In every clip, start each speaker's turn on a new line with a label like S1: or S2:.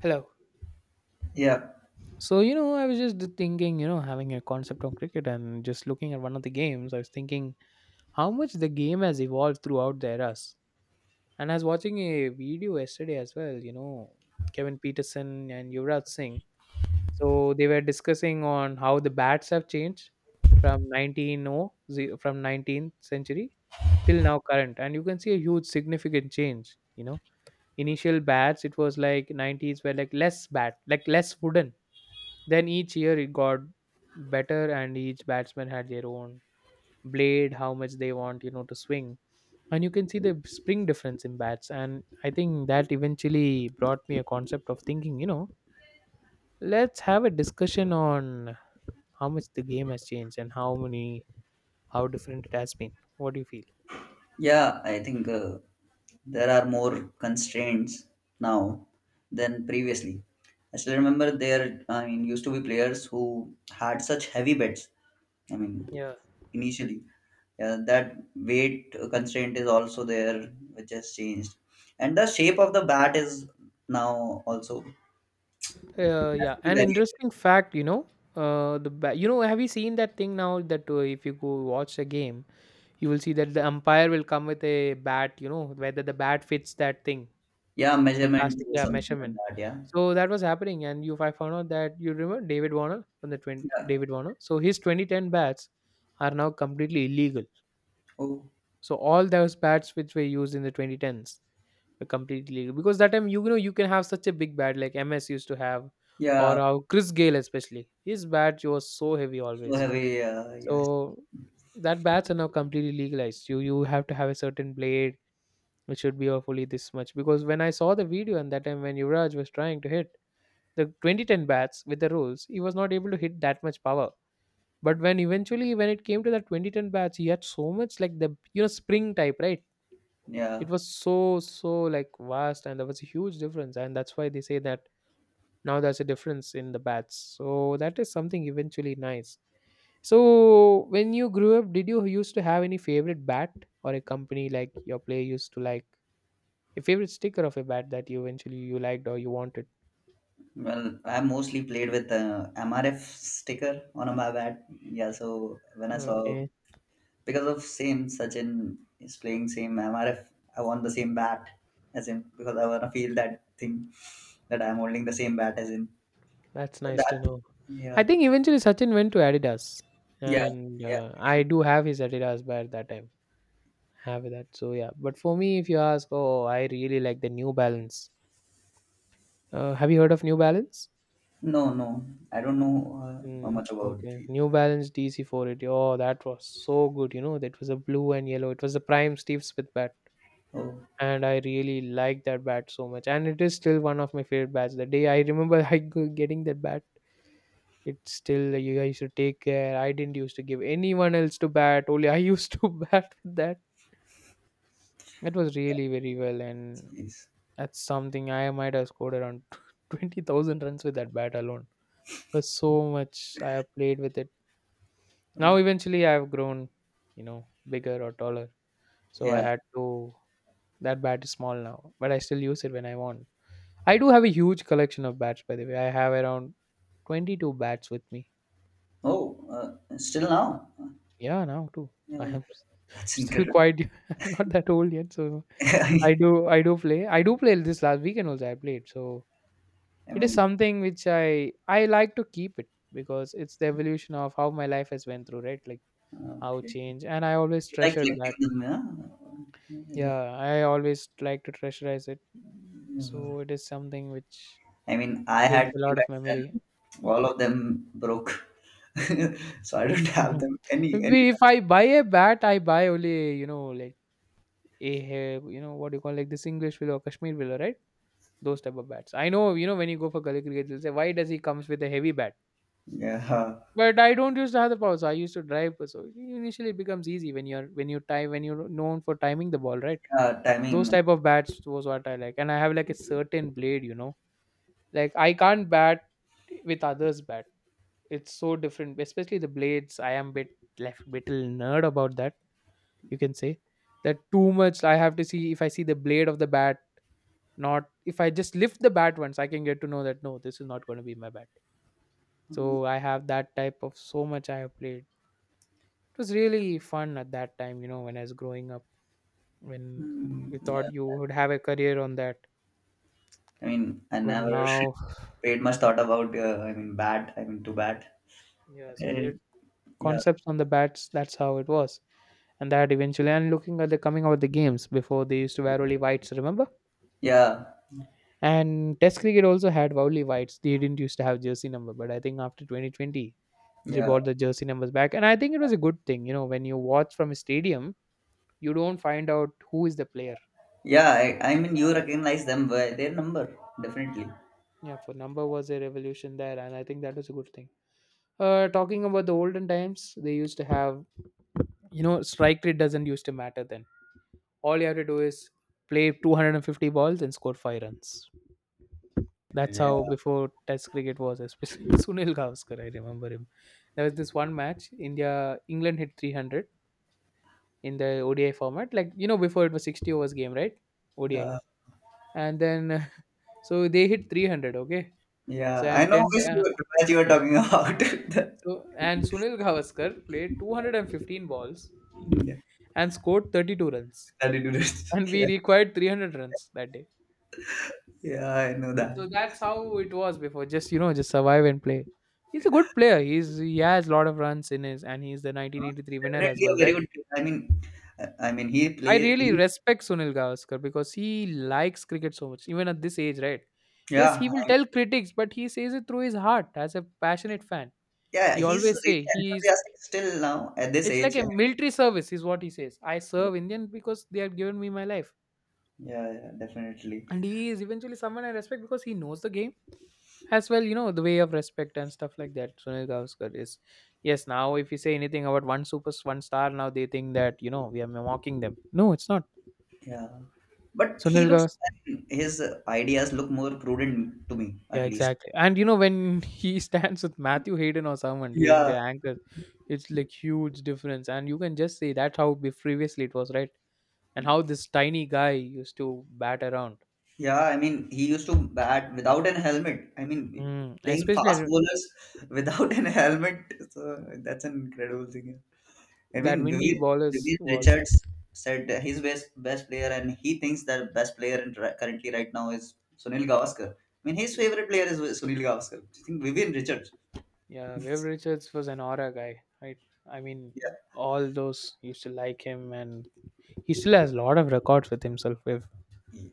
S1: Hello.
S2: Yeah,
S1: So, you know, I was just thinking, you know, having a concept on cricket and just looking at one of the games, I was thinking how much the game has evolved throughout the eras. And I was watching a video yesterday as well, you know, Kevin Peterson and Yuvraj Singh. So they were discussing on how the bats have changed from 19 oh, ze- from 19th century till now current. And you can see a huge significant change, you know. Initial bats, it was like 90s were like less bat, like less wooden. Then each year it got better, and each batsman had their own blade, how much they want, you know, to swing. And you can see the spring difference in bats. And I think that eventually brought me a concept of thinking, you know, let's have a discussion on how much the game has changed and how different it has been. What do you feel?
S2: yeah, I think there are more constraints now than previously. I still remember there, I mean, used to be players who had such heavy bets. I mean,
S1: Yeah.
S2: initially, yeah, that weight constraint is also there, which has changed, and the shape of the bat is now also has
S1: Yeah.
S2: to be
S1: An
S2: very
S1: interesting
S2: accurate.
S1: fact, you know, have you seen that thing now that if you go watch a game, you will see that the umpire will come with a bat, you know, whether the bat fits that thing,
S2: Yeah,
S1: the
S2: measurement
S1: plastic,
S2: or
S1: yeah,
S2: something like
S1: measurement.
S2: that. Yeah,
S1: So that was happening, and you I found out that you remember David Warner from the 20,
S2: yeah,
S1: David Warner. So his 2010 bats are now completely illegal.
S2: oh,
S1: So all those bats which were used in the 2010s were completely illegal because that time, you know, you can have such a big bat like MS used to have, or
S2: yeah,
S1: how Chris Gale, especially his bat was so heavy
S2: so
S1: always.
S2: heavy. Yes,
S1: So that bats are now completely legalized. You have to have a certain blade. It should be hopefully this much because when I saw the video and that time when Yuvraj was trying to hit the 2010 bats with the rolls, he was not able to hit that much power. But when eventually when it came to the 2010 bats, he had so much like the, you know, spring type, right? It
S2: yeah.
S1: was so like vast and there was a huge difference, and that's why they say that now there's a difference in the bats. So that is something eventually nice. So when you grew up, did you used to have any favorite bat or a company like your player used to like? Your favorite sticker of a bat that you eventually you liked or you wanted.
S2: Well, I mostly played with MRF sticker on my bat. Yeah, so when I saw
S1: Okay,
S2: because of same Sachin is playing same MRF, I want the same bat as him because I wanna feel that thing that I'm holding the same bat as him.
S1: that's nice to
S2: That,
S1: know. I
S2: yeah,
S1: think eventually Sachin went to Adidas,
S2: yeah,
S1: and
S2: yeah.
S1: I do have his Adidas bat that time. Have that, so yeah. But for me, if you ask, oh, I really like the New Balance. Have you heard of New Balance?
S2: No, no, I don't know how
S1: Mm,
S2: much about.
S1: okay,
S2: The,
S1: New Balance DC 480. Oh, that was so good. You know, that was a blue and yellow. It was the prime Steve Smith bat,
S2: oh,
S1: and I really liked that bat so much. And it is still one of my favorite bats. The day I remember, getting that bat, it's still, you guys used to take care, I didn't used to give anyone else to bat, only I used to bat with that. It was really very well, and
S2: jeez.
S1: that's something I might have scored around 20,000 runs with that bat alone, because so much I have played with it. Now eventually I have grown, you know, bigger or taller, so I
S2: Yeah.
S1: had to. That bat is small now, but I still use it when I want. I do have a huge collection of bats. By the way, I have around 22 bats with me.
S2: Oh, still now.
S1: Yeah, now too, I
S2: Yeah,
S1: have.
S2: that's
S1: Still
S2: incredible.
S1: quite not that old yet. So I
S2: I
S1: do I do play. I do play this last weekend also I played. So it is
S2: mean,
S1: something which I like to keep it because it's the evolution of how my life has went through, right? Like how
S2: okay.
S1: change, and I always
S2: You like
S1: treasured that.
S2: collecting them, yeah. You like,
S1: Yeah, I always like to treasurize it.
S2: uh,
S1: So it is something which
S2: I mean, I
S1: brings
S2: had
S1: a
S2: three
S1: lot of
S2: bats,
S1: memory.
S2: and all of them broke, so I don't have
S1: Mhm.
S2: them any.
S1: If I buy a bat, I buy only, like a, what do you call, like this English willow, Kashmir willow, right? Those type of bats. I know, when you go for gully cricket, they'll say, why does he comes with a heavy bat?
S2: Yeah, huh.
S1: But I don't use to have the power, so I used to drive. So initially, it becomes easy when you're when you time when you're known for timing the ball, right?
S2: Yeah,
S1: Those
S2: timing.
S1: type of bats was what I like, and I have like a certain blade, you know, like I can't bat with others' bat. It's so different, especially the blades. I am bit left little nerd about that. You can say that too much. I have to see, if I see the blade of the bat, not if I just lift the bat once, I can get to know that no, this is not going to be my bat. So I have that type of, so much I have played. It was really fun at that time, you know, when I was growing up, when
S2: Mm,
S1: you thought you
S2: yeah,
S1: would have a career on that.
S2: I mean, I
S1: But
S2: never
S1: now,
S2: paid much thought about. I mean, bat. I mean, to bat.
S1: yeah, so
S2: Eh,
S1: weird
S2: yeah,
S1: concepts on the bats, that's how it was. And that eventually, and looking at the coming out of the games before, they used to wear only whites, remember?
S2: yeah,
S1: And Test cricket also had only whites. They didn't used to have jersey number, but I think after 2020, they
S2: yeah,
S1: brought the jersey numbers back. And I think it was a good thing, you know, when you watch from a stadium, you don't find out who is the player.
S2: yeah. I mean, you recognize them by their number, definitely.
S1: Yeah, for number was a revolution there, and I think that was a good thing. Talking about the olden times, they used to have, you know, strike rate doesn't used to matter then. All you have to do is play 250 balls and score five runs. That's
S2: Yeah,
S1: how before Test cricket was, especially Sunil Gavaskar. I remember him. There was this one match, India England hit 300 in the ODI format, like, you know, before it was 60 overs game, right? ODI,
S2: yeah,
S1: and then so they hit 300. Okay,
S2: yeah.
S1: so
S2: I
S1: and
S2: know
S1: 10.
S2: which bat you were talking about.
S1: So, and Sunil Gavaskar played 215 balls
S2: Yeah,
S1: and scored 32 runs.
S2: that you do this.
S1: And we
S2: Yeah,
S1: required 300 runs that day.
S2: yeah, I know that.
S1: So that's how it was before. Just survive and play. He's a good player. He has a lot of runs in his, and he's the
S2: Uh,
S1: 1983 winner as
S2: Definitely a
S1: well,
S2: very
S1: right?
S2: good. I mean, I mean, he
S1: I
S2: play.
S1: really
S2: He,
S1: respect Sunil Gavaskar because he likes cricket so much, even at this age, right? Yes, he
S2: yeah,
S1: will
S2: I,
S1: tell critics, but he says it through his heart as a passionate fan.
S2: yeah,
S1: He
S2: he's
S1: always
S2: really
S1: say he's
S2: enthusiastic still now at this
S1: it's like
S2: age.
S1: a
S2: I
S1: military service, is what he says. I
S2: mean,
S1: serve Indian because they have given me my life.
S2: yeah, yeah, definitely.
S1: And he is eventually someone I respect because he knows the game as well, you know, the way of respect and stuff like that. Sunil Gavaskar is, yes, now if you say anything about one super, one star, now they think that, you know, we are mocking them. No, it's not.
S2: Yeah, but he
S1: Sunil
S2: looks. I
S1: Gavaskar.
S2: mean, his ideas look more prudent to me, at
S1: Yeah,
S2: least.
S1: exactly. And you know, when he stands with Matthew Hayden or someone during
S2: Yeah,
S1: the anchor, it's like huge difference. And you can just say that's how previously it was, right? And how this tiny guy used to bat around.
S2: yeah. I mean, he used to bat without an helmet. I mean,
S1: Mm,
S2: playing
S1: especially
S2: fast
S1: that
S2: bowlers without an helmet. So that's an incredible thing. I
S1: that
S2: mean,
S1: windy
S2: Vivian,
S1: ballers
S2: Vivian
S1: was,
S2: Richards said his best player, and he thinks that best player in currently right now is Sunil Gavaskar. I mean, his favorite player is Sunil Gavaskar. Do you think Vivian Richards?
S1: yeah. Wave Richards was an aura guy, right? I mean,
S2: Yeah,
S1: all those used to like him, and he still has a lot of records with himself. If
S2: Ye-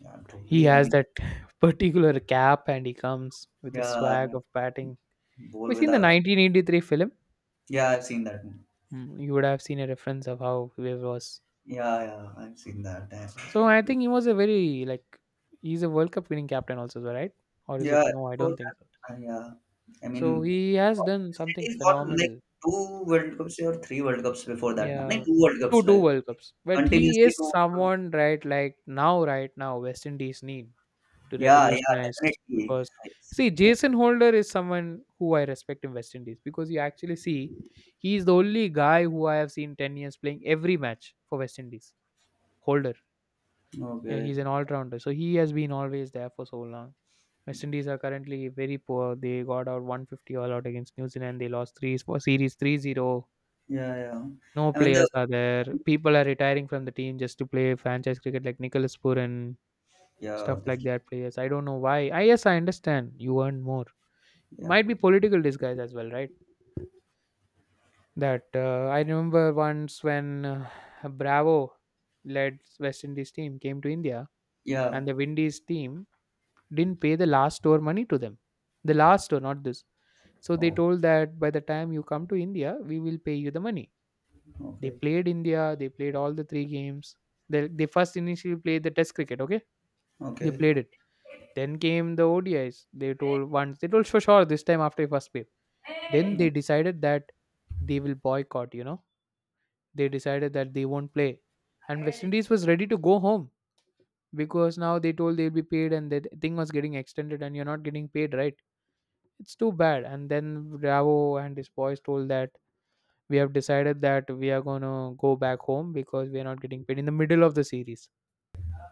S2: yeah,
S1: he
S2: totally. I
S1: has
S2: mean,
S1: that particular cap, and he comes with the swag
S2: yeah,
S1: of batting,
S2: bowl
S1: we seen the
S2: without.
S1: 1983 film.
S2: Yeah, I've seen that one.
S1: Mm, you would have seen a reference of how Wave was.
S2: Yeah, yeah, I've seen that. Yeah,
S1: So I think he was a very like he's a World Cup winning captain also, right? Or is
S2: yeah,
S1: it no? I
S2: before
S1: don't think
S2: that,
S1: so.
S2: yeah. I
S1: So
S2: mean,
S1: he has done
S2: West
S1: something
S2: Indies won like
S1: phenomenal.
S2: two World Cups or three World Cups before that. No,
S1: Yeah,
S2: two World Cups,
S1: two
S2: like
S1: World Cups, but he
S2: continuously
S1: is
S2: two World Cups.
S1: someone right, like now, right now, West Indies need to
S2: Yeah, yeah,
S1: revolutionize
S2: definitely.
S1: because,
S2: Yes.
S1: see,
S2: Yeah.
S1: Jason Holder is someone who I respect in West Indies because you actually see he's the only guy who I have seen 10 years playing every match for West Indies. Holder, yeah,
S2: Okay.
S1: he's an all rounder, so he has been always there for so long. West Indies are currently very poor. They got out 150 all out against New Zealand. They lost three for series 3-0.
S2: Yeah, yeah.
S1: No
S2: I mean, the
S1: players are there. People are retiring from the team just to play franchise cricket, like Nicholas Puran,
S2: yeah,
S1: stuff like
S2: definitely.
S1: that. Players, I don't know why. I, yes, I understand. You earn more.
S2: Yeah.
S1: Might be political disguise as well, right? That I remember once when Bravo led West Indies team came to India,
S2: Yeah.
S1: and the Windies team didn't pay the last tour money to them. The last tour, not this. So they
S2: Oh,
S1: told that by the time you come to India, we will pay you the money. They
S2: okay.
S1: played India, they played all the three games. They first initially played the test cricket, okay? They
S2: Okay.
S1: played it. Then came the ODIs. They told once, they told for sure this time after first play. Then they decided that they will boycott, They decided that they won't play. And West Indies was ready to go home because now they told they'll be paid and the thing was getting extended and you're not getting paid, right? It's too bad. And then Bravo and his boys told that we have decided that we are going to go back home because we are not getting paid in the middle of the series.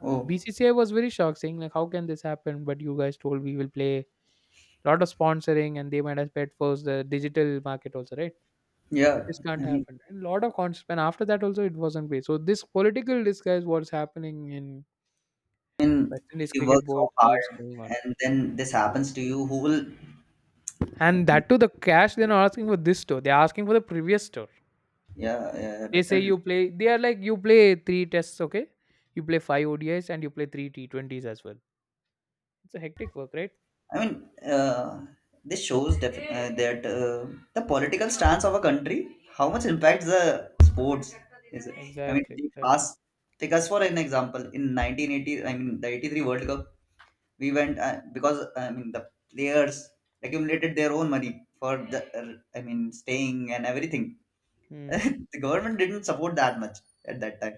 S2: Oh,
S1: BCCI was very shocked, saying like, "How can this happen? But you guys told we will play a lot of sponsoring, and they might have paid for the digital market also, right?
S2: yeah.
S1: This can't
S2: I mean,
S1: happen." And lot of cons. And after that also, it wasn't paid. So this political disguise what's happening in
S2: I mean,
S1: West
S2: if
S1: Indies
S2: you work
S1: cricket board
S2: so
S1: keeps
S2: hard
S1: going on,
S2: and then this happens to you, who will?
S1: and that too the cash they're not asking for this store. They're asking for the previous store.
S2: Yeah, yeah,
S1: They say
S2: definitely.
S1: you play. They are like you play three tests, okay? You play five ODIs and you play three T20s as well. It's a hectic work, right?
S2: I mean, uh, this shows that the political stance of a country, how much impacts the sports is it? I mean,
S1: Exactly.
S2: take
S1: Exactly.
S2: us, take us for an example. In 1980, I mean, the 83 World Cup, we went because I mean the players accumulated their own money for the, I mean, staying and everything.
S1: Hmm.
S2: The government didn't support that much at that time.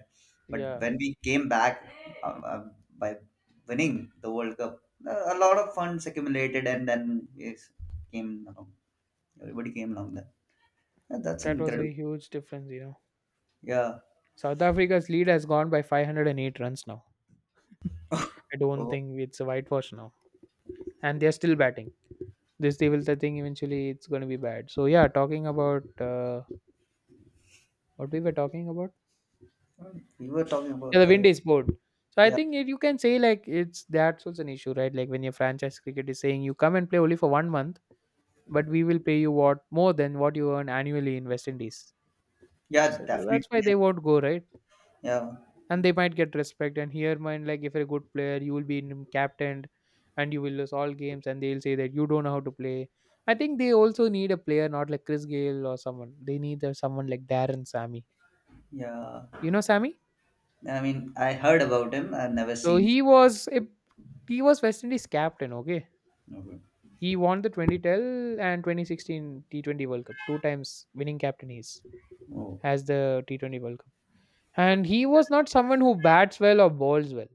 S2: But
S1: Yeah.
S2: when we came back by winning the World Cup, a lot of funds accumulated, and then yes, came along. Everybody came along there. Yeah, that's
S1: That was
S2: incredible.
S1: a huge difference, you know.
S2: Yeah.
S1: South Africa's lead has gone by 508 runs now. I don't
S2: Oh,
S1: think it's a whitewash now, and they're still batting. This they will, I think, eventually it's going to be bad. So yeah, talking about what we were talking about.
S2: we were talking
S1: Yeah,
S2: about.
S1: the wind is bored. So I
S2: Yeah.
S1: think it, you can say like it's that's also an issue, right? Like when your franchise cricket is saying you come and play only for 1 month, but we will pay you what more than what you earn annually in West Indies.
S2: Yeah.
S1: So that's
S2: Definitely.
S1: why they won't go, right?
S2: Yeah.
S1: And they might get respect and here mind like if you're a good player you will be captained and you will lose all games and they'll say that you don't know how to play. I think they also need a player not like Chris Gale or someone. They need a someone like Darren Sammy,
S2: Yeah.
S1: you know, Sammy.
S2: I mean, I heard about him. I've never
S1: So
S2: seen.
S1: he was a, he was West Indies captain, okay?
S2: Him. Okay.
S1: He won the 2010 and 2016 T20 World Cup. Two times winning captain, he
S2: Oh.
S1: as the T20 World Cup. And he was not someone who bats well or bowls well.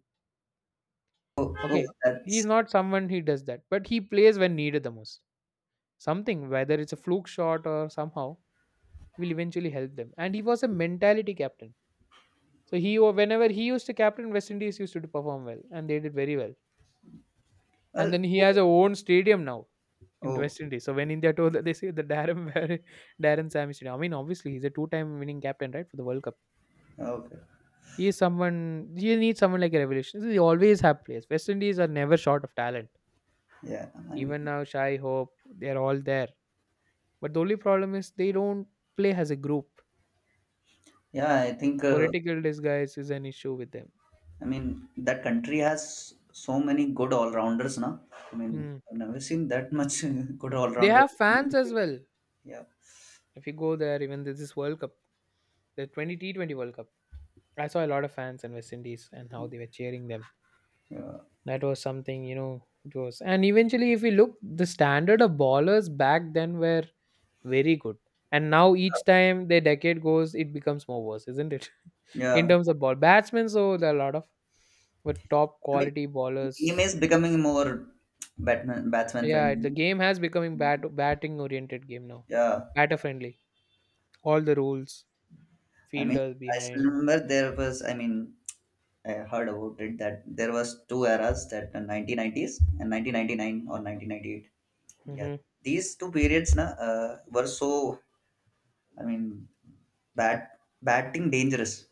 S2: Oh. Oh.
S1: Okay, he's
S2: That's.
S1: not someone he does that, but he plays when needed the most. Something, whether it's a fluke shot or somehow, will eventually help them. And he was a mentality captain. So he, whenever he used to captain, West Indies used to perform well, and they did very well. And
S2: Well,
S1: then he has a own stadium now in
S2: oh.
S1: West Indies. So when India told that they say the Darren Sammy Stadium. I mean, obviously he's a two-time winning captain, right, for the World Cup.
S2: Okay.
S1: He is someone. You need someone like a revelation. They always have players. West Indies are never short of talent.
S2: Yeah. I mean,
S1: Even now, Shai Hope, they're all there. But the only problem is they don't play as a group.
S2: yeah. I think.
S1: Political disguise is an issue with them.
S2: I mean, that country has so many good all rounders, now. I mean,
S1: Hmm.
S2: I've never seen that much good all
S1: They
S2: rounders.
S1: have fans as well.
S2: Yeah,
S1: If you go there, even this World Cup, the 20 T20 World Cup, I saw a lot of fans in West Indies and how they were cheering them.
S2: yeah,
S1: That was something, you know, it was. And eventually, if you look, the standard of bowlers back then were very good. And now each time the decade goes, it becomes more worse, isn't it? In
S2: yeah.
S1: terms of ball batsmen, so there are a lot of, but top
S2: I mean,
S1: quality
S2: game
S1: bowlers.
S2: is becoming more batman batsman
S1: Yeah, the
S2: friendly.
S1: game has becoming batting oriented game now.
S2: Yeah,
S1: Batter friendly. All the rules,
S2: I mean,
S1: fielders
S2: I still
S1: behind.
S2: remember there was. I mean, I heard about it that there was two eras, that the 1990s and 1999 or 1998. Yeah,
S1: Hmm.
S2: these two periods na were so I mean, bat batting dangerous.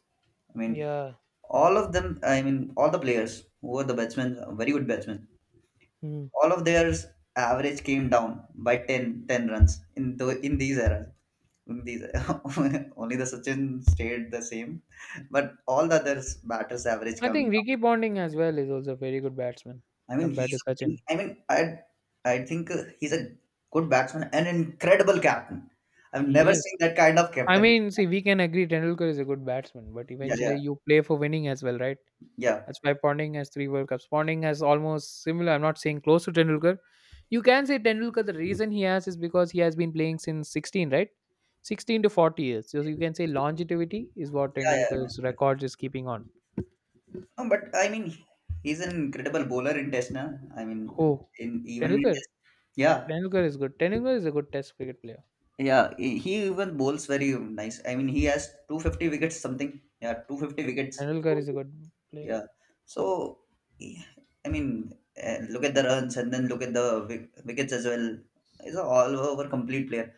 S2: I mean,
S1: Yeah.
S2: all of them. I mean, all the players who were the batsmen, very good batsmen.
S1: Mhm.
S2: All of their average came down by ten runs in these eras. In these only the Sachin stayed the same, but all the others batters average
S1: I
S2: come down.
S1: think Ricky Bonding as well is also a very good batsman
S2: I mean,
S1: compared
S2: he's.
S1: to Sachin.
S2: I mean, I think he's a good batsman and incredible captain. I've
S1: He
S2: never
S1: is.
S2: seen that kind of
S1: I
S2: captain.
S1: mean, see, we can agree Tendulkar is a good batsman, but
S2: Yeah,
S1: eventually
S2: yeah,
S1: you play for winning as well, right?
S2: yeah,
S1: That's why Ponding has three World Cups. Ponding has almost similar. I'm not saying close to Tendulkar. You can say Tendulkar. The reason he has is because he has been playing since 16, right? 16 to 40 years. So you can say longevity is what
S2: yeah, yeah.
S1: Tendulkar's record is keeping on.
S2: No, but I mean, he's an incredible bowler in Test, na? I mean,
S1: Oh,
S2: in even in
S1: Tendulkar.
S2: Test, yeah,
S1: Tendulkar is good. Tendulkar is a good Test cricket player.
S2: yeah, he even bowls very nice. I mean, he has 250 wickets, something, yeah, 250 wickets,
S1: Tendulkar is a good player.
S2: yeah. So, he- I mean, look at the runs and then look at the wickets as well. He's a all-over complete player.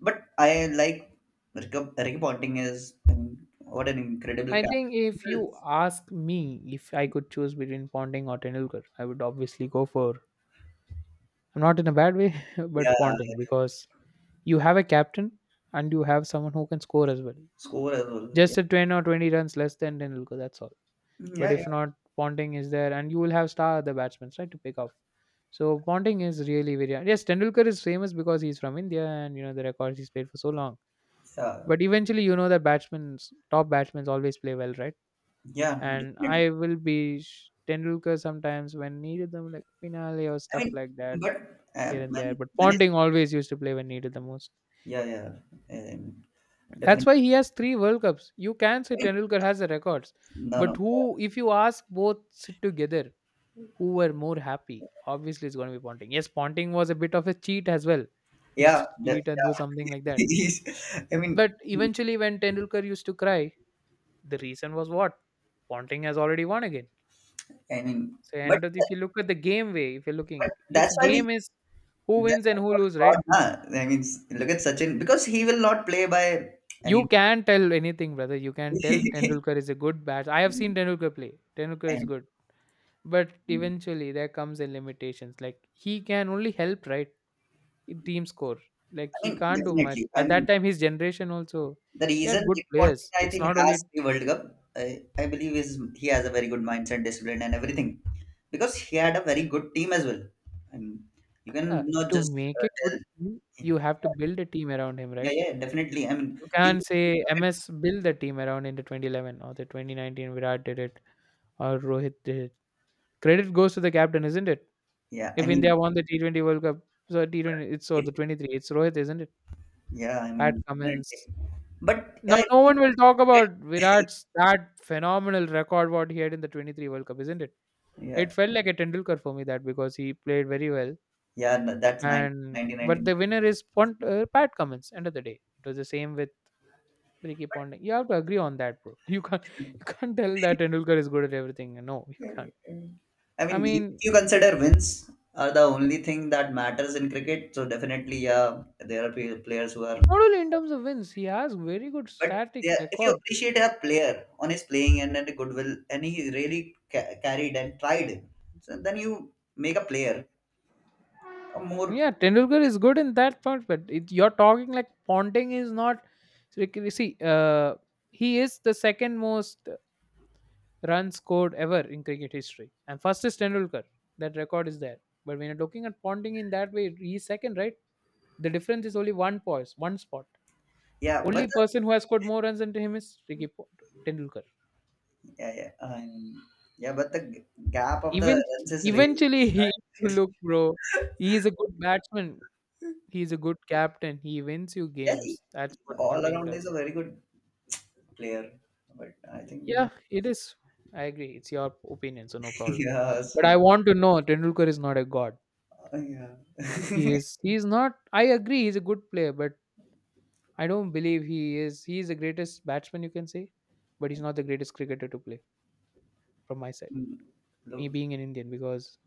S2: But I like Ricky Ponting is, I mean, what an incredible
S1: I think
S2: captain.
S1: if you ask me if I could choose between Ponting or Tendulkar, I would obviously go for. I'm not in a bad way,
S2: Yeah,
S1: but Ponting because you have a captain and you have someone who can score as well.
S2: score as well. Yeah,
S1: Just a 10 or 20 runs less than Tendulkar, that's all. But
S2: yeah, yeah,
S1: if not, Ponting is there and you will have star other batsmen, right, to pick off. So Ponting is really very, yes. Tendulkar is famous because he's from India and you know the records he's played for so long.
S2: yeah.
S1: But eventually, you know that batsmen, top batsmen, always play well, right?
S2: Yeah,
S1: And
S2: definitely.
S1: I will be Tendulkar sometimes when needed them, like finale or
S2: I
S1: stuff
S2: mean,
S1: like that
S2: but
S1: here and there.
S2: when
S1: But
S2: when is
S1: Ponting always used to play when needed the most.
S2: yeah, yeah, um, definitely.
S1: That's why he has three World Cups. You can
S2: I
S1: say
S2: mean,
S1: Tendulkar has the records,
S2: no, no,
S1: but who, if you ask both sit together, who were more happy? Obviously, it's going to be Ponting. Yes, Ponting was a bit of a cheat as well. He used
S2: yeah
S1: to
S2: that,
S1: cheat and do
S2: yeah.
S1: something like that.
S2: I mean
S1: But eventually, when Tendulkar used to cry, the reason was what? Ponting has already won again.
S2: I mean
S1: So,
S2: but
S1: end of, if you look at the game way, if you're
S2: but
S1: looking, its
S2: that's why we
S1: game is who
S2: that's
S1: wins
S2: why
S1: and
S2: we
S1: who
S2: call him
S1: lose, right?
S2: God nah. I mean, look at Sachin because he will not play by
S1: You
S2: any.
S1: can tell anything, brother. You can tell Tendulkar is a good bat. I have seen Tendulkar play. Tendulkar is
S2: I
S1: good. But
S2: mean,
S1: eventually there comes in limitations. Like he can only help, right? In team score. Like
S2: I
S1: he
S2: mean
S1: can't do much.
S2: definitely. I
S1: At that
S2: mean,
S1: time, his generation also,
S2: the
S1: he
S2: reason
S1: had good
S2: Rick Ponting,
S1: players.
S2: I
S1: It's
S2: think,
S1: not
S2: has
S1: only
S2: the World Cup, I believe, is he has a very good mindset, discipline, and everything, because he had a very good team as well. I mean, you
S1: uh,
S2: can not
S1: to
S2: just
S1: make a good
S2: tell.
S1: team, you have to build a team around him,
S2: Yeah,
S1: right?
S2: yeah, yeah, definitely. I mean,
S1: You
S2: you.
S1: can't say MS build the team around in the 2011 or the 2019 Virat did it or Rohit did it. Credit goes to the captain, isn't it?
S2: Yeah, I
S1: If
S2: mean,
S1: India won the T20 World Cup, so T20, it's or
S2: if
S1: the 23, it's Rohit, isn't it?
S2: yeah, I
S1: Pat
S2: mean,
S1: Cummins,
S2: definitely. But yeah, I
S1: now,
S2: think
S1: no
S2: you
S1: one will talk
S2: get
S1: about Virat's that phenomenal record what he had in the 23 World Cup, isn't it? It
S2: yeah,
S1: felt like a Tendulkar for me that because he played very well,
S2: yeah. No, that's
S1: and but
S2: nineteen
S1: the winner is Pat Cummins. End of the day, it was the same with Ricky Ponting. You have to agree on that, bro. You can't tell that
S2: ninety-eight.
S1: Tendulkar is good at everything. No, you can't.
S2: I
S1: I
S2: mean, if
S1: mean,
S2: you consider wins are the only thing that matters in cricket, so definitely, yeah, there are players who are.
S1: not only in terms of wins, he has very good
S2: But
S1: static
S2: yeah, if you
S1: record.
S2: appreciate a player on his playing and then the goodwill, and he really carried and tried, so then you make a player a more.
S1: Yeah, Tendulkar is good in that point, but it, you're talking like Ponting is not. So like, you can see, he is the second most runs scored ever in cricket history, and first is Tendulkar. That record is there. But when you're looking at Ponting in that way, he's second, right? The difference is only one poise, one spot.
S2: Yeah, but
S1: Only
S2: the,
S1: person who has scored more runs than him is Tendulkar.
S2: yeah, yeah, yeah, but the gap of the
S1: Even
S2: runs is really.
S1: eventually, he you look, bro. He is a good batsman. He is a good captain. He wins you
S2: Yeah, he,
S1: games. That's what
S2: all
S1: Ponting
S2: around is a
S1: does.
S2: very good player, but I think
S1: Yeah, it is. I agree. It's your opinion, so no problem.
S2: yeah,
S1: But
S2: Smith.
S1: I want to know Tendulkar is not a god.
S2: Yeah.
S1: He is he is not, I agree he's a good player, but I don't believe he is the greatest batsman you can say, but he's not the greatest cricketer to play from my side. Me
S2: Look,
S1: being an Indian, because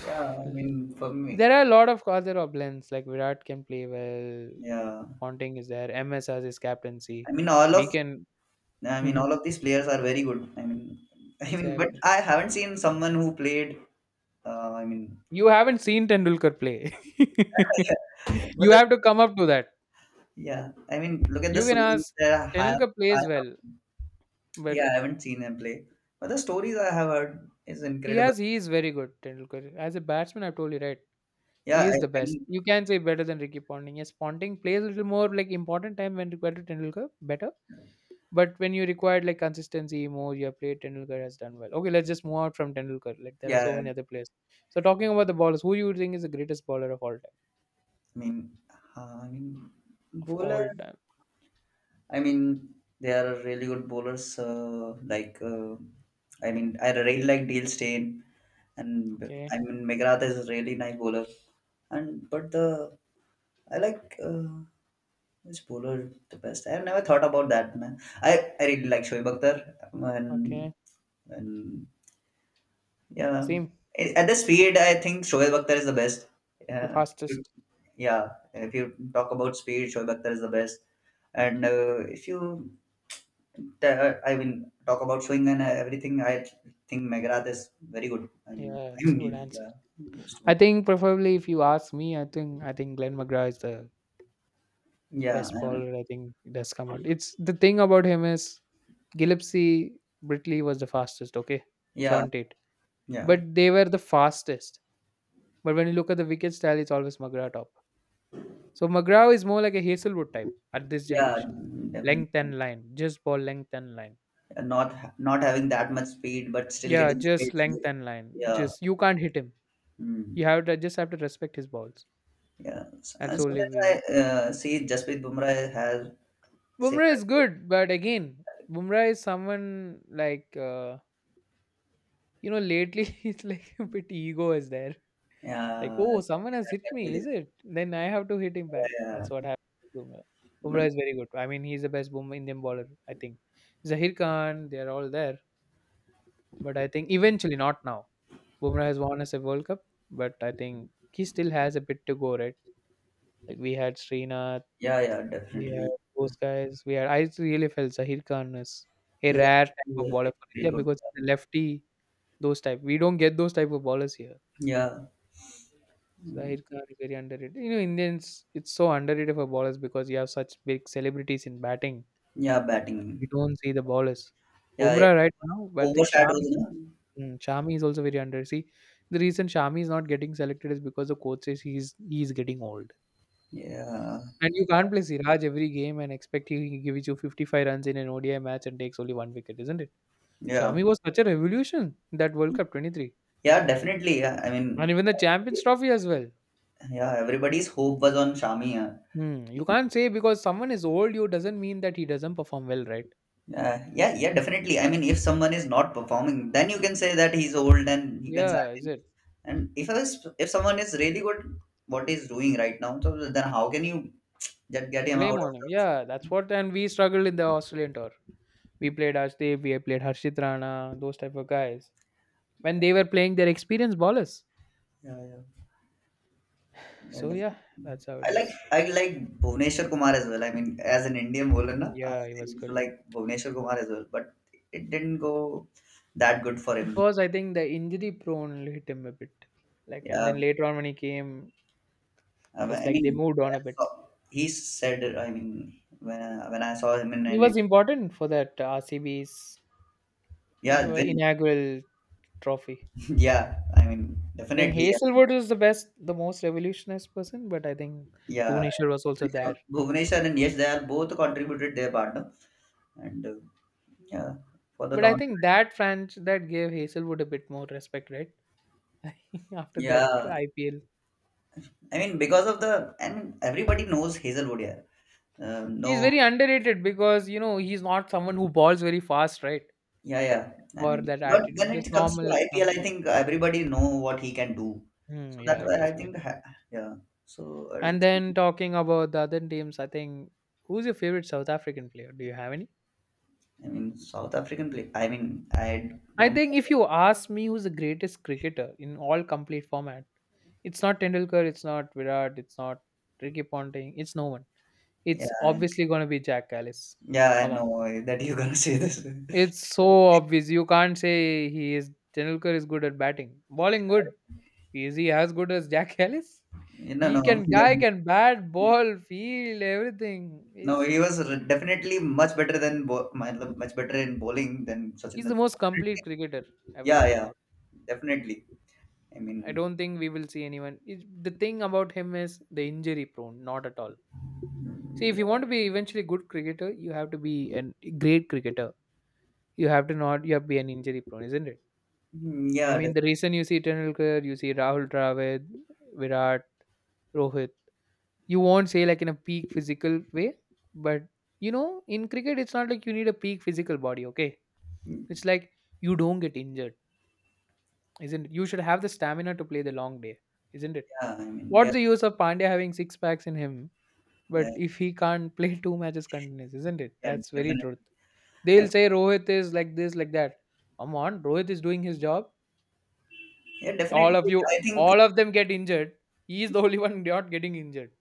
S2: yeah, I mean for me,
S1: there are a lot of other options like Virat can play well,
S2: yeah.
S1: Ponting is there, MS has his captaincy.
S2: I mean all of
S1: We can,
S2: I mean
S1: mhm,
S2: all of these players are very good. I mean I mean but
S1: exactly.
S2: I haven't seen someone who played I mean
S1: You haven't seen Tendulkar play.
S2: but
S1: You
S2: the,
S1: have to come up to that.
S2: yeah, I mean look at the
S1: You can
S2: stories
S1: ask.
S2: that I have,
S1: Tendulkar
S2: I
S1: plays
S2: have
S1: well, but
S2: yeah, I haven't seen him play. But the stories I have heard is
S1: he
S2: incredible.
S1: has he is very good. Tendulkar as a batsman, I have told you right. He
S2: Yeah, I,
S1: is the
S2: I
S1: best.
S2: mean
S1: You can say better than Ricky Ponting. Yes, Ponting plays a little more like important time when required to Tendulkar better. But when you required like consistency more, you have played Tendulkar has done well. Okay, let's just move out from Tendulkar. Like there are so
S2: yeah,
S1: many other players. So talking about the bowlers, who you think is the greatest bowler of all time?
S2: I mean, I mean,
S1: Of
S2: bowler.
S1: all time.
S2: I mean, they are really good bowlers. Like, I mean, I really like Deal Steyn, and
S1: Okay.
S2: I mean, McGrath is a really nice bowler. And but the I like which bowler the best. I have never thought about that, man. I really like Shoaib Akhtar, and
S1: Okay.
S2: and yeah,
S1: Asim,
S2: at the speed, I think Shoaib Akhtar is the best.
S1: the
S2: Yeah,
S1: fastest.
S2: yeah, if you talk about speed, Shoaib Akhtar is the best, and if you t- I mean talk about showing and everything, I think Meghrath is very good, and
S1: Yeah,
S2: I
S1: it's a good
S2: mean
S1: answer.
S2: yeah used to
S1: I
S2: good
S1: think preferably if you ask me, I think Glenn McGrath is the
S2: yeah
S1: best bowler. I think it has come out. It's the thing about him is Gillespie, Britley was the fastest. Okay,
S2: yeah,
S1: Sean Tate,
S2: yeah,
S1: but they were the fastest. But when you look at the wicket style, it's always McGrath top. So McGrath is more like a Hazelwood type at this
S2: yeah,
S1: generation.
S2: definitely.
S1: Length and line, just ball length and line.
S2: And not not having that much speed but still
S1: Yeah,
S2: getting
S1: just
S2: hits.
S1: length and line.
S2: Yeah,
S1: Just you can't hit him. You
S2: mm,
S1: have to just have to respect his balls.
S2: yeah, so,
S1: That's
S2: and
S1: the only
S2: sometimes I
S1: way.
S2: see Jasprit Bumrah has
S1: Bumrah
S2: similar
S1: is good, but again, Bumrah is someone like you know, lately it's like a bit ego is there.
S2: uh,
S1: Like,
S2: yeah
S1: oh, someone has
S2: that
S1: hit
S2: can
S1: me,
S2: be
S1: is
S2: there.
S1: it? Then I have to hit him back.
S2: Yeah,
S1: That's what happened to Bumrah.
S2: yeah.
S1: Bumrah is very good. I mean, he's the best Bumrah Indian bowler. I think Zahir Khan, they are all there, but I think eventually not now. Bumrah has won us a World Cup, but I think he still has a bit to go, right? Like we had Srinath,
S2: Yeah, yeah,
S1: we had
S2: definitely.
S1: those guys. We had, I really felt Zahir Khan is a
S2: That-
S1: rare type of
S2: Yeah,
S1: bowler for
S2: very
S1: India
S2: good.
S1: because he's a lefty. Those type, we don't get those type of bowlers here.
S2: Yeah, mm,
S1: Zahir Khan is very underrated. You know, Indians, it's so underrated for bowlers because you have such big celebrities in batting.
S2: yeah,
S1: We
S2: batting.
S1: don't see the bowlers.
S2: Yeah, it
S1: Bumrah right now, but I think
S2: overshadows,
S1: Shami,
S2: no?
S1: mm, Shami is also very underrated. See, the reason Shami is not getting selected is because the coach says he's getting old.
S2: Yeah,
S1: And you can't play Siraj every game and expect he gives you 55 runs in an ODI match and takes only one wicket, isn't it?
S2: yeah,
S1: Shami was such a revolution in that World Cup 23.
S2: yeah, definitely. Yeah, I
S1: And
S2: mean,
S1: even the Champions
S2: everybody's,
S1: Trophy as well.
S2: yeah, everybody's hope was on Shami. Yeah.
S1: Hmm. You can't say because someone is old, you doesn't mean that he doesn't perform well, right?
S2: Yeah, yeah, yeah, definitely. I mean, if someone is not performing, then you can say that he's old and you can sack
S1: Yeah, is
S2: him.
S1: it?
S2: And if I was, if someone is really good, what he's doing right now, so then how can you just get him out
S1: Blame
S2: of
S1: on him.
S2: the?
S1: Yeah, that's what. And we struggled in the Australian tour. We played Ashdeep, we played Harshit Rana, those type of guys. When they were playing their experienced ballers.
S2: Yeah, yeah.
S1: So
S2: Wonderful.
S1: yeah, that's how it
S2: I like
S1: is.
S2: I like Bhuvneshwar Kumar as well. I mean, as an Indian bowler, na, I
S1: Yeah, he was
S2: used to
S1: good.
S2: like Bhuvneshwar Kumar as well, but it didn't go that good for
S1: It
S2: him.
S1: was, I think, the injury prone hit him a bit. Like, and
S2: Yeah,
S1: then later on when he came,
S2: I
S1: it
S2: mean,
S1: was like they moved
S2: when
S1: on a
S2: I
S1: bit.
S2: saw, he said. I mean, when I saw him in
S1: He
S2: an
S1: was important for that RCB's
S2: yeah, then
S1: inaugural trophy.
S2: yeah, I mean,
S1: I think
S2: definitely, yeah.
S1: Hazelwood was the best, the most revolutionized person, but I think
S2: Yeah.
S1: Bhuvneshwar was also there.
S2: Bhuvneshwar and yes, they are both contributed their part, no? And yeah, for the
S1: But I
S2: tournament.
S1: think that French that gave Hazelwood a bit more respect, right? After that
S2: Yeah,
S1: IPL,
S2: I mean because of the and everybody knows Hazelwood here.
S1: he's
S2: No,
S1: very underrated because you know he's not someone who balls very fast, right?
S2: yeah, yeah. I
S1: Or
S2: mean,
S1: that
S2: but when
S1: attitude, just
S2: it comes to
S1: normal.
S2: IPL, I think everybody know what he can do.
S1: Hmm,
S2: So that's
S1: yeah, it
S2: why I
S1: is. Yeah.
S2: think, yeah. So I don't
S1: And then
S2: think-
S1: talking about the other teams, I think, who's your favorite South African player? Do you have any?
S2: I mean, South African play. I mean, I
S1: I
S2: don't.
S1: think if you ask me who's the greatest cricketer in all complete format, it's not Tendulkar, it's not Virat, it's not Ricky Ponting, it's no one.
S2: Yeah,
S1: It's obviously going to be Jack Ellis.
S2: yeah. I
S1: Come on.
S2: know that you're gonna say this.
S1: It's so obvious. You can't say he is Tendulkar is good at batting. Bowling good. Is he as good as Jack Ellis?
S2: No, no,
S1: He can guy can bat, ball, field, everything.
S2: no.
S1: He's
S2: He was definitely much better than matlab much better in bowling than Sachin
S1: He's the most
S2: Tendulkar. Definitely.
S1: complete cricketer ever to
S2: Yeah,
S1: come
S2: yeah,
S1: out.
S2: definitely. I
S1: I
S2: mean,
S1: don't think we will see anyone. It's, the thing about him is the injury prone, not at all. See, if you want to be eventually good cricketer, you have to be a great cricketer. You have to not, you have to be an injury prone, isn't it?
S2: yeah,
S1: I mean,
S2: definitely.
S1: the reason you see Tendulkar, you see Rahul Dravid, Virat, Rohit, you won't say like in a peak physical way, but you know, in cricket, it's not like you need a peak physical body, okay? It's like you don't get injured, isn't it? You should have the stamina to play the long day, isn't it?
S2: Yeah, I mean, yeah.
S1: What's the use of Pandya having six packs in him, but
S2: Yeah.
S1: if he can't play two matches continuous, isn't it?
S2: Yeah,
S1: That's very
S2: definitely.
S1: truth.
S2: I
S1: They'll say Rohit is like this, like that. Come on, Rohit is doing his job.
S2: yeah,
S1: All
S2: definitely.
S1: of you,
S2: I think.
S1: all of them get injured. He is the only one not getting injured.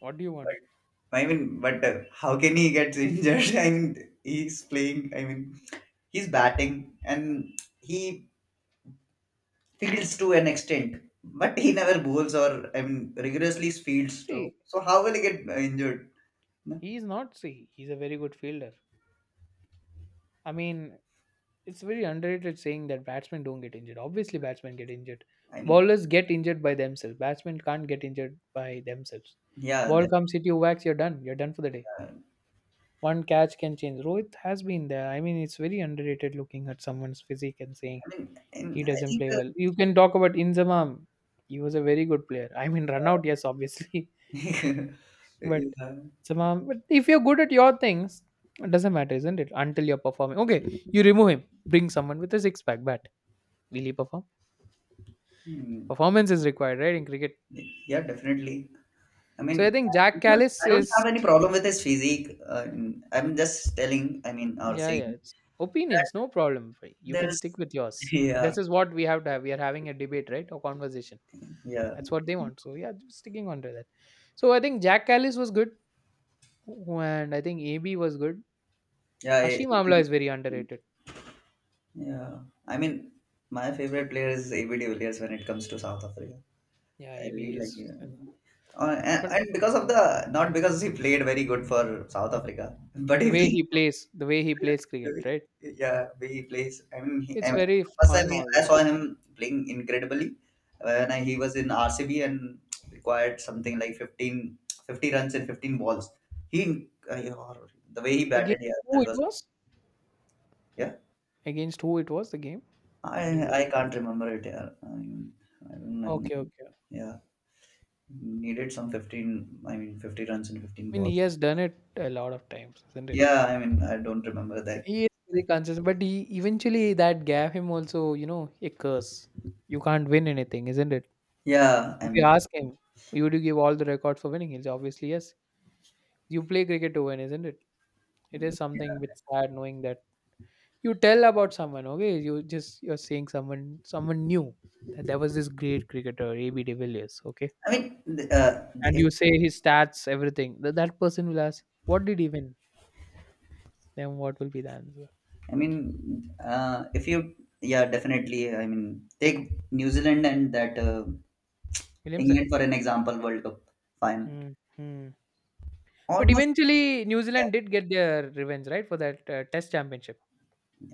S1: What do you want?
S2: I mean, but how can he get injured? I mean, he's playing. I mean, he's batting, and he fields to an extent, but he never bowls or I mean rigorously fields. So,
S1: See,
S2: so how will he get injured? No,
S1: he's not. See, he's a very good fielder. I mean, it's very underrated saying that batsmen don't get injured. Obviously, batsmen get injured.
S2: I mean,
S1: Bowlers get injured by themselves. Batsmen can't get injured by themselves.
S2: yeah.
S1: Ball
S2: That,
S1: comes, hit you, wax, you're done. You're done for the day.
S2: uh,
S1: One catch can change. Rohit has been there. I mean, it's very underrated looking at someone's physique and saying
S2: I mean,
S1: he
S2: and I
S1: doesn't
S2: think.
S1: play well. You can talk about Inzamam. He was a very good player. I mean, run out, yes, obviously. But
S2: Yeah,
S1: Zamam, but if you're good at your things, it doesn't matter, isn't it? Until you're performing. Okay, you remove him. Bring someone with a six pack bat. Will he perform?
S2: hmm,
S1: Performance is required, right, in cricket.
S2: yeah, definitely. I
S1: So I
S2: mean,
S1: think Jack Callis
S2: I don't
S1: is
S2: have any problem with his physique. I'm just telling, I mean, or
S1: Yeah, yeah.
S2: saying
S1: It's
S2: that
S1: opinions, no problem. Fi- You can
S2: there's,
S1: stick with yours.
S2: yeah,
S1: This is what we have to have. We are having a debate, right? Or conversation.
S2: yeah,
S1: That's what they want. So yeah, just sticking on to that. So I think Jack Callis was good, and I think AB was good.
S2: yeah,
S1: Hashim Amla
S2: ABD.
S1: is very underrated.
S2: Yeah. I mean, my favorite player is AB de Villiers when it comes to South Africa.
S1: Yeah,
S2: I
S1: AB
S2: really like
S1: is.
S2: him. And,
S1: But
S2: because of the, not because he played very good for South Africa, but
S1: the
S2: he
S1: way
S2: played.
S1: he plays, the way he plays cricket, right?
S2: Yeah, he plays. I mean, he,
S1: It's
S2: I mean,
S1: very
S2: first time
S1: fun
S2: I
S1: always.
S2: saw him playing incredibly when I, he was in RCB and required something like 15, 50 runs in 15 balls. He, the way he batted,
S1: Against
S2: yeah,
S1: who
S2: that
S1: it
S2: was,
S1: was?
S2: yeah.
S1: Against who it was the game? Do
S2: I,
S1: you
S2: I
S1: remember?
S2: can't remember it. Yeah. I, mean, I don't know.
S1: Okay, okay.
S2: Yeah, needed some 15, I mean, 50 runs in 15
S1: I mean, he
S2: balls.
S1: has done it a lot of times, isn't it?
S2: Yeah, I mean, I don't remember that.
S1: He is very conscious, but he eventually that gave him also, you know, a curse. You can't win anything, isn't it?
S2: Yeah, I
S1: If you
S2: mean,
S1: ask him, would you give all the records for winning? He'll say, obviously, yes. You play cricket to win, isn't it? It is
S2: yeah.
S1: something bit sad knowing that you tell about someone, okay? You're saying someone knew that there was this great cricketer, A.B. de Villiers, okay?
S2: I mean,
S1: And you say his stats, everything. That person will ask, what did he win? Then what will be the answer?
S2: I mean, if you, yeah, definitely. I mean, take New Zealand and that
S1: Williamson.
S2: England for an example, World Cup final.
S1: Hmm. Hmm. But
S2: Almost,
S1: eventually, New
S2: yeah.
S1: Zealand did get their revenge, right? For that Test Championship,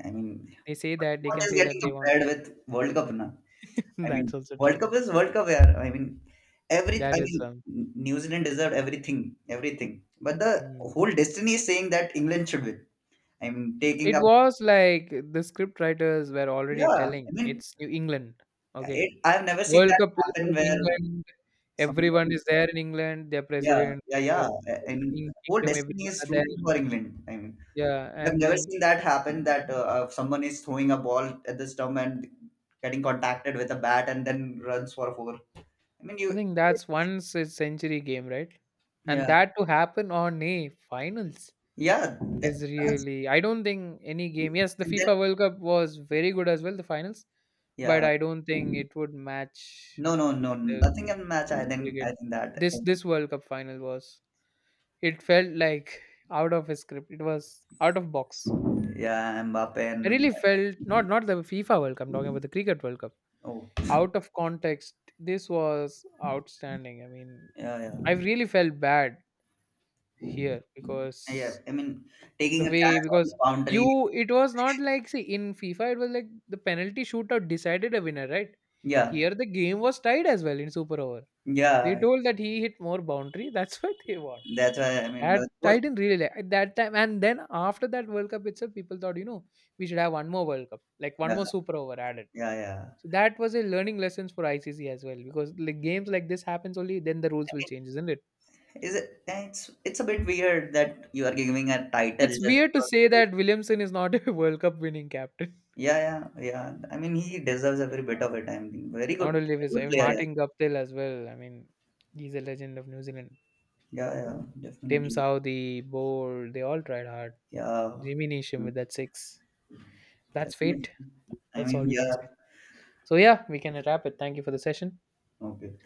S2: I mean,
S1: they say that they
S2: what
S1: can
S2: is
S1: say
S2: getting
S1: that they won.
S2: compared with World Cup now? I mean,
S1: That's also
S2: World
S1: true.
S2: Cup is World Cup, yeah. I mean, every, I
S1: That is,
S2: mean,
S1: um,
S2: New Zealand deserved everything, everything. But the
S1: hmm.
S2: whole destiny is saying that England should win. I mean, taking
S1: It
S2: up,
S1: was like the script writers were already
S2: yeah. I
S1: telling
S2: mean,
S1: it's New England. Okay,
S2: it, I've never seen
S1: World
S2: that
S1: Cup is
S2: happen
S1: in
S2: where
S1: England. Everyone
S2: somebody.
S1: is there in England. Their
S2: Yeah,
S1: president,
S2: yeah,
S1: whatever,
S2: yeah.
S1: what you
S2: I,
S1: call
S2: I
S1: the
S2: mean,
S1: king,
S2: whole
S1: kingdom,
S2: destiny
S1: everyone
S2: is
S1: are there.
S2: rooting for England. I mean,
S1: Yeah,
S2: I've
S1: and
S2: never
S1: then
S2: seen that happen that someone is throwing a ball at the stump and getting contacted with a bat and then runs for four. I mean,
S1: I
S2: you,
S1: think that's once a century game, right? And
S2: yeah,
S1: that to happen on a finals
S2: yeah,
S1: is
S2: that's
S1: really, I don't think any game. Yes, the
S2: and then
S1: FIFA World Cup was very good as well, the finals, but
S2: yeah,
S1: I don't think it would match
S2: no, no, no,
S1: the
S2: nothing in match. I think,
S1: cricket.
S2: I think that,
S1: This World Cup final was. It felt like out of his script. It was out of box.
S2: yeah, Mbappe
S1: I
S2: and
S1: really felt not not the FIFA World Cup. I'm talking about the Cricket World Cup.
S2: oh,
S1: Out of context, this was outstanding. I mean,
S2: yeah,
S1: I really felt bad here
S2: yeah, yeah.
S1: because
S2: I mean,
S1: the
S2: taking a catch
S1: way
S2: on the
S1: because
S2: boundary,
S1: you it was not like see in FIFA it was like the penalty shootout decided a winner, right?
S2: yeah,
S1: Here the game was tied as well in super over. They
S2: yeah.
S1: told that he hit more boundary, that's why they won.
S2: That's why I mean,
S1: That
S2: the,
S1: I didn't really like at that time, and then after that World Cup itself, people thought, you know, we should have one more World Cup, like one
S2: yeah,
S1: more Super Over added.
S2: yeah, yeah.
S1: So that was a learning lessons for ICC as well, because like games like this happens only then the rules will change, isn't it?
S2: Is it? It's a bit weird that you are giving a title
S1: It's
S2: just
S1: weird to say
S2: because.
S1: that Williamson is not a World Cup winning captain.
S2: Yeah, yeah, yeah. I mean, he deserves every bit of it. I mean, very good,
S1: Not only
S2: very
S1: this, I
S2: good
S1: mean,
S2: player.
S1: Martin Guptill as well. I mean, he's a legend of New Zealand.
S2: Yeah, yeah, yeah,
S1: Tim
S2: definitely.
S1: Southey, Bold, they all tried hard.
S2: Yeah,
S1: Jimmy Neesham
S2: Mm,
S1: with that six. That's
S2: definitely.
S1: fate.
S2: I
S1: That's
S2: mean,
S1: all we can
S2: yeah.
S1: say. So yeah, we can wrap it. Thank you for the session.
S2: Okay.